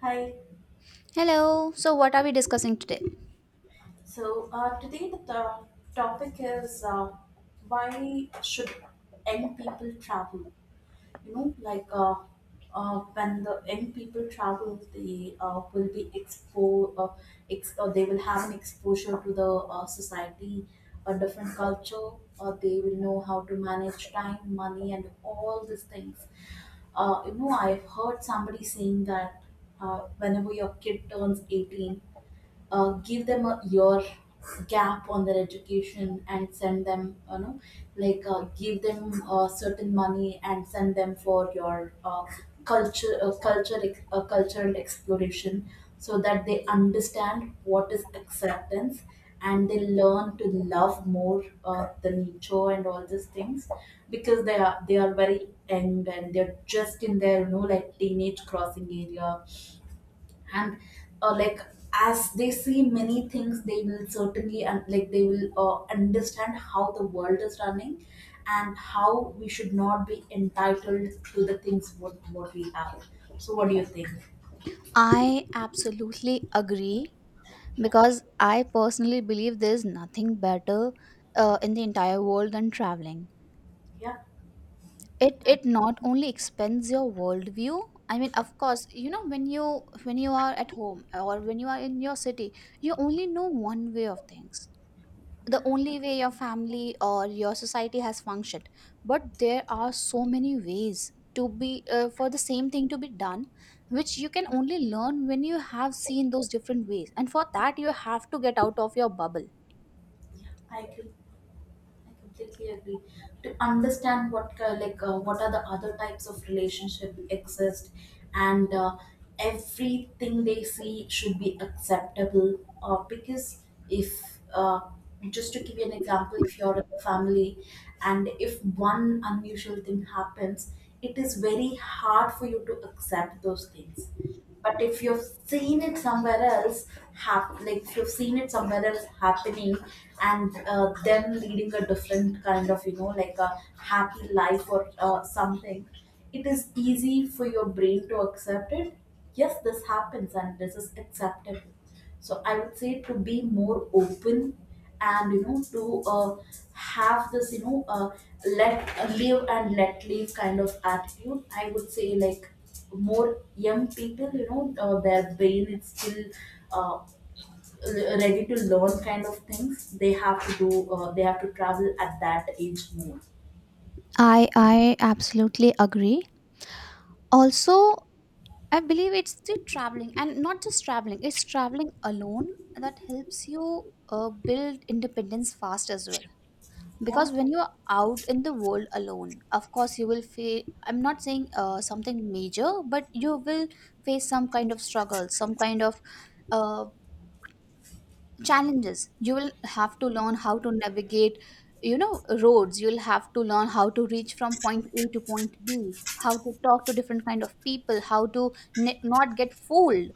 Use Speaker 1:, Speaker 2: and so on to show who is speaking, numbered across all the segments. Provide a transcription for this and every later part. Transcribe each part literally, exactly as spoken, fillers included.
Speaker 1: Hi.
Speaker 2: Hello. So, what are we discussing today?
Speaker 1: So uh, today the to- topic is uh, why should young people travel? You know, like uh, uh, when the young people travel, they uh, will be exposed. Uh, ex- uh, they will have an exposure to the uh, society, a different culture. Uh, they will know how to manage time, money, and all these things. Uh, you know, I've heard somebody saying that uh, whenever your kid turns eighteen, uh, give them a year gap on their education and send them, you know, like uh, give them uh, certain money and send them for your uh, culture uh, culture ex- uh, cultural exploration, so that they understand what is acceptance and they learn to love more uh, the nature and all these things, because they are they are very young and they're just in their, you know, like teenage crossing area. And uh, like as they see many things, they will certainly and like they will uh, understand how the world is running and how we should not be entitled to the things what what we have. So what do you think?
Speaker 2: I absolutely agree because I personally believe there's nothing better uh, in the entire world than traveling.
Speaker 1: Yeah,
Speaker 2: It
Speaker 1: i
Speaker 2: it not only expands your worldview. I mean, of course, you know when you when you are at home or when you are in your city, you only know one way of things. The only way your family or your society has functioned, but there are so many ways to be, uh, for the same thing to be done, which you can only learn when you have seen those different ways, and for that you have to get out of your bubble.
Speaker 1: I agree. I completely agree. To understand what ki- like uh, what are the other types of relationship exist, and uh, everything they see should be acceptable. Uh, because if uh, just to give you an example, if you're in a family, and if one unusual thing happens, it is very hard for you to accept those things, but if you've seen it somewhere else hap- like if you've seen it somewhere else happening, and uh, them leading a different kind of, you know, like a happy life or uh, something, it is easy for your brain to accept it. Yes, this happens and this is acceptable. So I would say to be more open, and you know, to uh, have this you know uh, let uh, live and let live kind of attitude. I would say, like, more young people, you know, uh, their brain is still uh, re- ready to learn kind of things. They have to do, uh, they have to travel at that age more.
Speaker 2: I i absolutely agree. Also, I believe it's the traveling, and not just traveling, it's traveling alone that helps you uh, build independence fast as well.
Speaker 1: Yeah.
Speaker 2: Because when you're out in the world alone, of course you will feel, I'm not saying uh, something major, but you will face some kind of struggle, some kind of uh, challenges you will have to learn how to navigate. You know, roads, you'll have to learn how to reach from point A to point B, how to talk to different kind of people, how to ne- not get fooled.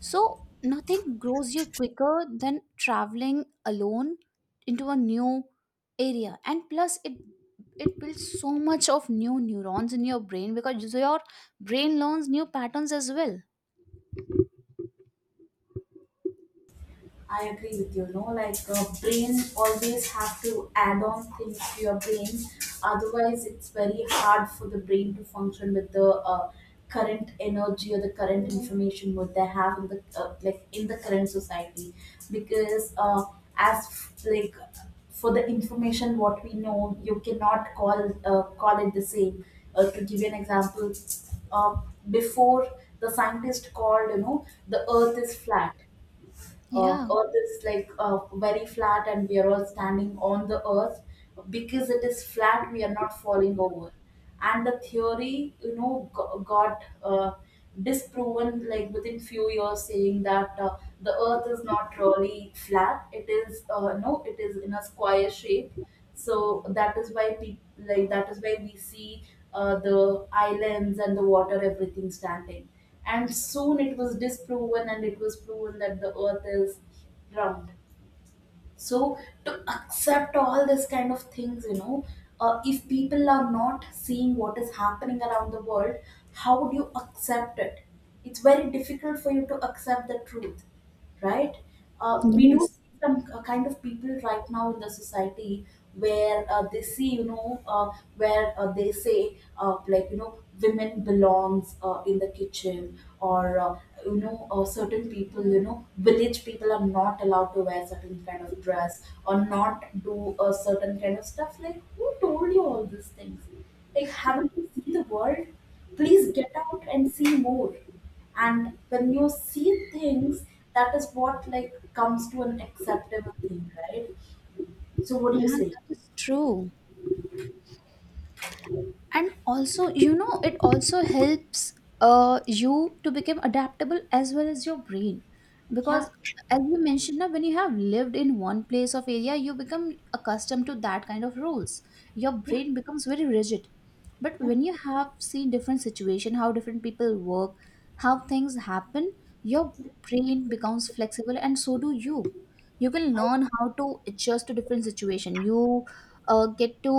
Speaker 2: So, nothing grows you quicker than traveling alone into a new area. And plus, it it builds so much of new neurons in your brain, because so your brain learns new patterns as well.
Speaker 1: I agree with you. No, like uh, brain always have to add on things to your brain. Otherwise, it's very hard for the brain to function with the uh, current energy or the current information what they have in the uh, like in the current society. Because uh, as f- like for the information what we know, you cannot call uh, call it the same. Uh, to give you an example, uh, before the scientist called, you know, the Earth is flat, uh,
Speaker 2: Yeah.
Speaker 1: earth is like uh, very flat and we are all standing on the earth, because it is flat we are not falling over. And the theory, you know, go- got uh, disproven, like within few years, saying that uh, the earth is not really flat, it is uh, no, it is in a square shape, so that is why people, like, that is why we see uh, the islands and the water everything standing. And soon it was disproven, and it was proven that the earth is round. So, to accept all this kind of things, you know, uh, if people are not seeing what is happening around the world, how would you accept it? It's very difficult for you to accept the truth, right? Uh, we do
Speaker 2: Yes.
Speaker 1: see some k- kind of people right now in the society where uh, they see, you know, uh, where uh, they say, uh, like, you know, women belongs uh, in the kitchen, or, uh, you know, uh, certain people, you know, village people are not allowed to wear certain kind of dress or not do a certain kind of stuff. Like, who told you all these things? Like, haven't you seen the world? Please get out and see more. And when you see things, that is what, like, comes to an acceptable thing, right? So what do you
Speaker 2: Yeah,
Speaker 1: say?
Speaker 2: that is true. And also, you know, it also helps uh you to become adaptable as well as your brain.
Speaker 1: Yeah,
Speaker 2: Because as you mentioned, now when you have lived in one place of area, you become accustomed to that kind of rules, your
Speaker 1: yeah,
Speaker 2: brain becomes very rigid. But
Speaker 1: yeah,
Speaker 2: when you have see different situation, how different people work, how things happen, your
Speaker 1: yeah,
Speaker 2: brain becomes flexible, and so do you. You can
Speaker 1: i,
Speaker 2: learn how to adjust to different situation, you uh, get to,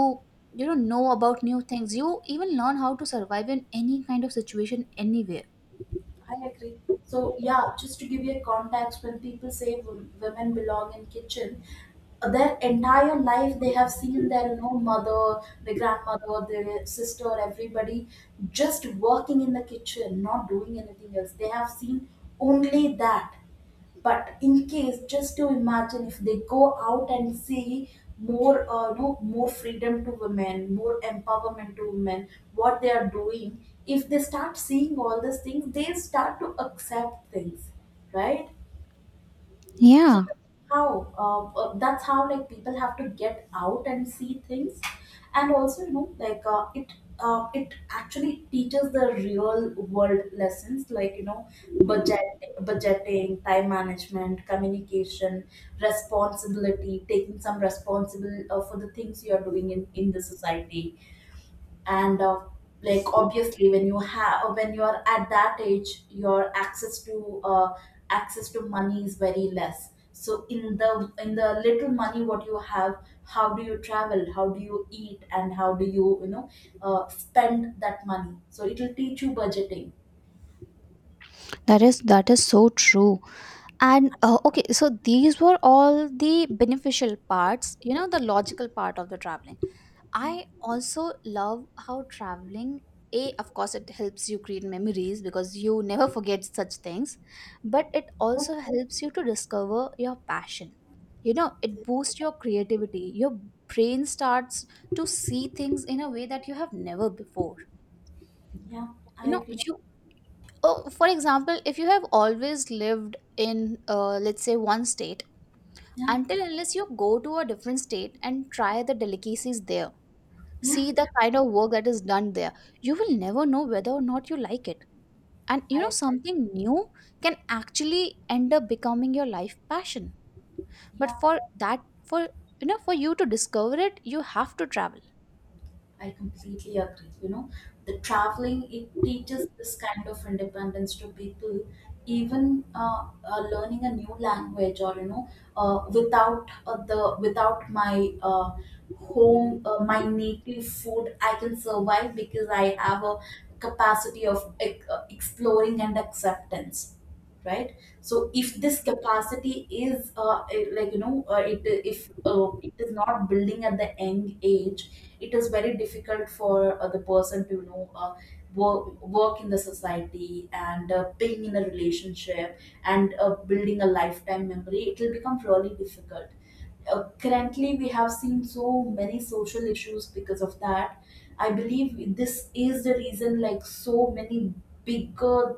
Speaker 2: you know know about new things, you even learn how to survive in any kind of situation anywhere.
Speaker 1: I agree. So yeah, just to give you a context, when people say wo- women belong in kitchen, their entire life they have seen their, you know, mother, their grandmother, their sister, everybody just working in the kitchen, not doing anything else. They have seen only that. But in case, just to imagine, if they go out and see more uh, no, more freedom to women, more empowerment to women, what they are doing, if they start seeing all these things they start to accept things, right? so
Speaker 2: Yeah,
Speaker 1: that's how uh, uh, that's how, like, people have to get out and see things. And also, you know, like uh, it uh, it actually teaches the real world lessons, like you know. Mm. Budget budgeting, time management, communication, responsibility, taking some responsible uh, for the things you are doing in in the society. And uh, like obviously when you have, when you are at that age, your access to uh, access to money is very less, so in the, in the little money what you have, how do you travel, how do you eat, and how do you, you know, uh, spend that money, so it will teach you budgeting.
Speaker 2: that is that is so true. And uh, okay, so these were all the beneficial parts, you know, the logical part of the traveling. I also love how traveling, A, of course, it helps you create memories because you never forget such things, but it
Speaker 1: Yeah,
Speaker 2: also helps you to discover your passion. You know, it boosts your creativity. Your brain starts to see things in a way that you have never before.
Speaker 1: yeah,
Speaker 2: You
Speaker 1: I
Speaker 2: know,
Speaker 1: agree.
Speaker 2: you, oh, for example, if you have always lived in, uh, let's say, one state,
Speaker 1: Yeah,
Speaker 2: until unless you go to a different state and try the delicacies there,
Speaker 1: yeah,
Speaker 2: see the kind of work that is done there, you will never know whether or not you like it. And you know
Speaker 1: I
Speaker 2: something new can actually end up becoming your life passion. But
Speaker 1: yeah,
Speaker 2: for that, for you know for you to discover it, you have to travel.
Speaker 1: I completely agree. You know, the traveling, it teaches this kind of independence to people. Even uh, uh, learning a new language, or you know, uh, without uh, the without my uh, home, uh, my native food, I can survive because I have a capacity of ex- uh, exploring and acceptance, right? So if this capacity is uh, eh, like, you know, uh, it if uh, it is not building at the young age, it is very difficult for uh, the person to, you know, uh, work, work in the society, and uh, being in a relationship, and uh, building a lifetime memory, it will become really difficult. Uh, currently we have seen so many social issues because of that. I believe this is the reason, like, so many bigger,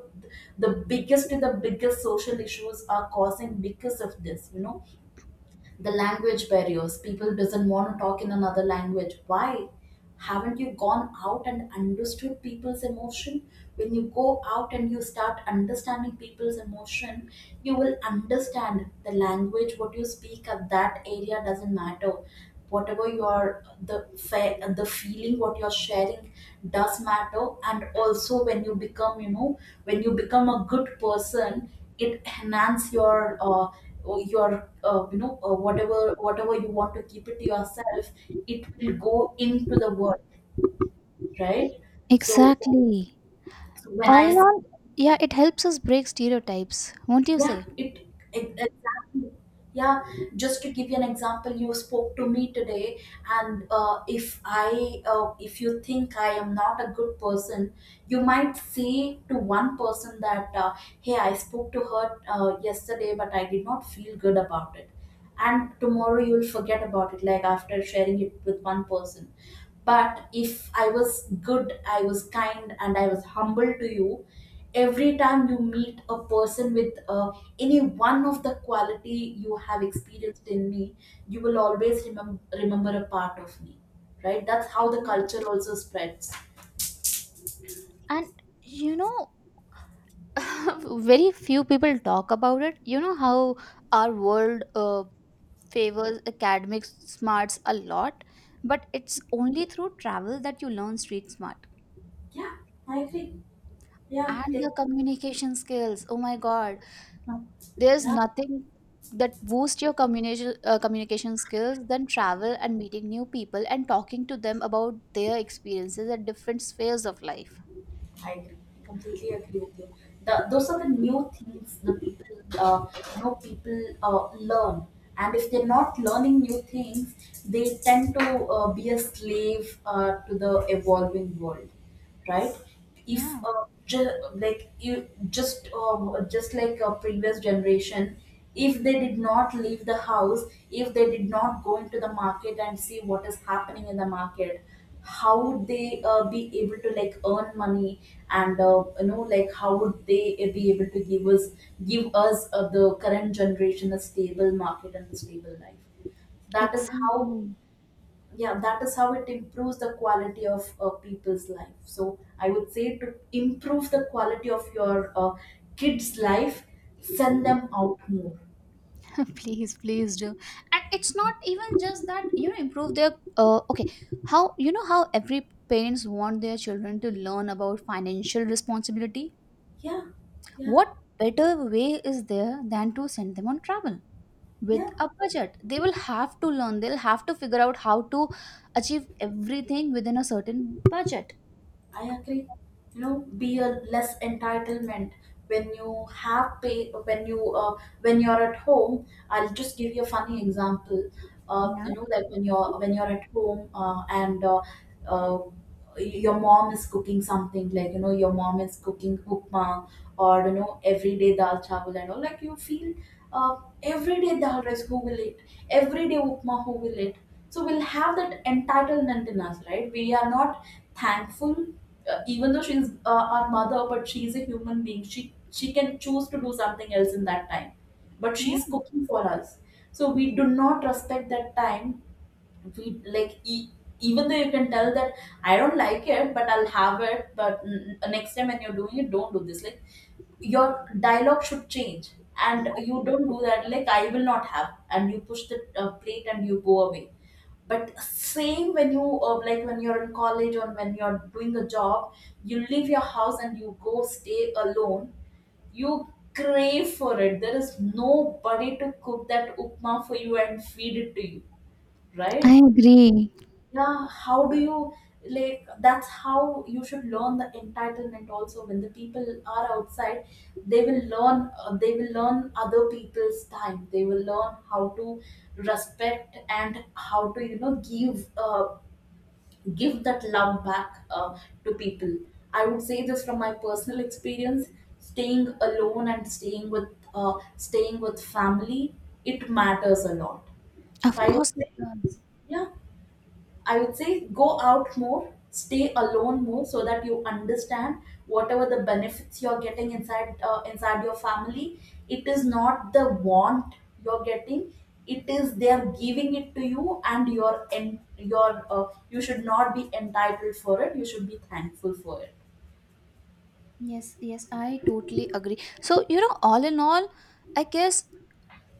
Speaker 1: the biggest the biggest social issues are causing because of this, you know, the language barriers, people doesn't want to talk in another language. Why haven't you gone out and understood people's emotion? When you go out and you start understanding people's emotion, you will understand the language what you speak at that area doesn't matter. Whatever you are, the fe- the feeling what you're sharing does matter. And also when you become, you know, when you become a good person, it enhance your uh, your uh, you know, uh, whatever whatever you want to keep it to yourself, it will go into the world, right? So,
Speaker 2: Exactly.
Speaker 1: so when i
Speaker 2: All in all, yeah, it helps us break stereotypes, won't you
Speaker 1: Yeah,
Speaker 2: say?
Speaker 1: it ex- exactly. Yeah, just to give you an example, you spoke to me today, and uh, if I, uh, if you think I am not a good person, you might say to one person that, uh, "Hey, I spoke to her uh, yesterday, but I did not feel good about it," and tomorrow you will forget about it, like after sharing it with one person. But if I was good, I was kind, and I was humble to you, every time you meet a person with uh, any one of the quality you have experienced in me, you will always remember remember a part of me, right? That's how the
Speaker 2: Mhm.
Speaker 1: culture also spreads.
Speaker 2: And you know, very few people talk about it. You know how our world uh, favors academic smarts a lot, but it's only through travel that you learn street smart
Speaker 1: Yeah, I agree. Yeah,
Speaker 2: and the
Speaker 1: take-
Speaker 2: communication skills. Oh my god,
Speaker 1: huh.
Speaker 2: there's
Speaker 1: Yeah,
Speaker 2: nothing that boosts your communication uh, communication skills than travel and meeting new people and talking to them about their experiences at different spheres of life.
Speaker 1: I agree. I completely agree with you. The, those are the new things the people, uh, you know, people uh, learn, and if they're not learning new things, they tend to uh, be a slave uh, to the evolving world, right? If
Speaker 2: Yeah,
Speaker 1: uh, ju- like you just uh, just like a previous generation, if they did not leave the house, if they did not go into the market and see what is happening in the market, how would they uh, be able to, like, earn money, and uh, you know, like, how would they uh, be able to give us give us uh, the current generation a stable market and a stable life? That is how,
Speaker 2: exactly.
Speaker 1: yeah, that is how it improves the quality of uh, people's life. So I would say, to improve the quality of your uh, kids life, send them out more.
Speaker 2: Please, please do. And it's not even just that, you know, improve their, uh, okay, how, you know, how every parents want their children to learn about financial responsibility.
Speaker 1: Yeah, yeah,
Speaker 2: What better way is there than to send them on travel with
Speaker 1: yeah,
Speaker 2: a budget? They will have to learn, they'll have to figure out how to achieve everything within a certain budget.
Speaker 1: I agree. You know, be a less entitlement. When you have pay, when you uh, when you're at home. I'll just give you a funny example. Uh,
Speaker 2: Yeah.
Speaker 1: you know, like, when you're when you're at home uh, and uh, uh, your mom is cooking something, like, you know, your mom is cooking upma, or you know, everyday dal chawal and all, like you feel, uh, everyday dal rice who will eat, everyday upma who will eat. So we'll have that entitlement in us, right? We are not thankful, uh, even though she's uh, our mother, but she's a human being. She she can choose to do something else in that time, but
Speaker 2: Yeah.
Speaker 1: she's cooking for us. So we do not respect that time. We like e- even though you can tell that I don't like it, but I'll have it. But n- next time when you're doing it, don't do this. Like, your dialogue should change, and you don't do that, like, I will not have, and you push the uh, plate and you go away. But same, when you uh, like when you're in college or when you're doing a job, you leave your house and you go stay alone, you crave for it, there is nobody to cook that upma for you and feed it to you,
Speaker 2: I
Speaker 1: right?
Speaker 2: agree.
Speaker 1: Yeah, how do you, like, that's how you should learn the entitlement. Also, when the people are outside, they will learn uh, they will learn other people's time, they will learn how to respect and how to, you know, give uh, give that love back uh, to people. I would say this from my personal experience, staying alone and staying with uh, staying with family, it matters a lot.
Speaker 2: Of
Speaker 1: So I would
Speaker 2: course it
Speaker 1: say,
Speaker 2: does.
Speaker 1: yeah, I would say go out more, stay alone more, so that you understand whatever the benefits you're getting inside uh, inside your family. It is not the want you're getting; it is they are giving it to you, and your en- your are, uh, you should not be entitled for it. You should be thankful for it.
Speaker 2: Yes, yes, I totally agree. So, you know, all in all, I guess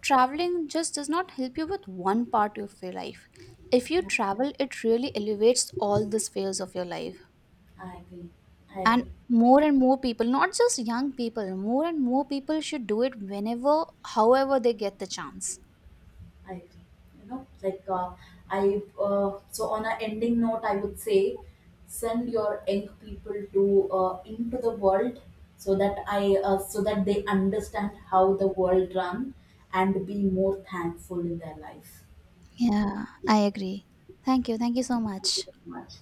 Speaker 2: traveling just does not help you with one part of your life. If you
Speaker 1: Yeah,
Speaker 2: travel, it really elevates all the spheres of your life.
Speaker 1: I agree. I
Speaker 2: And
Speaker 1: agree.
Speaker 2: more and more people, not just young people, more and more people should do it whenever, however, they get the chance.
Speaker 1: I agree. You know, like uh, I, uh, so on a ending note, I would say send your young people to, uh, into the world, so that I uh, so that they understand how the world run, and be more thankful in their life.
Speaker 2: Yeah, I agree. Thank you. Thank you so
Speaker 1: Thank you
Speaker 2: much.
Speaker 1: very much.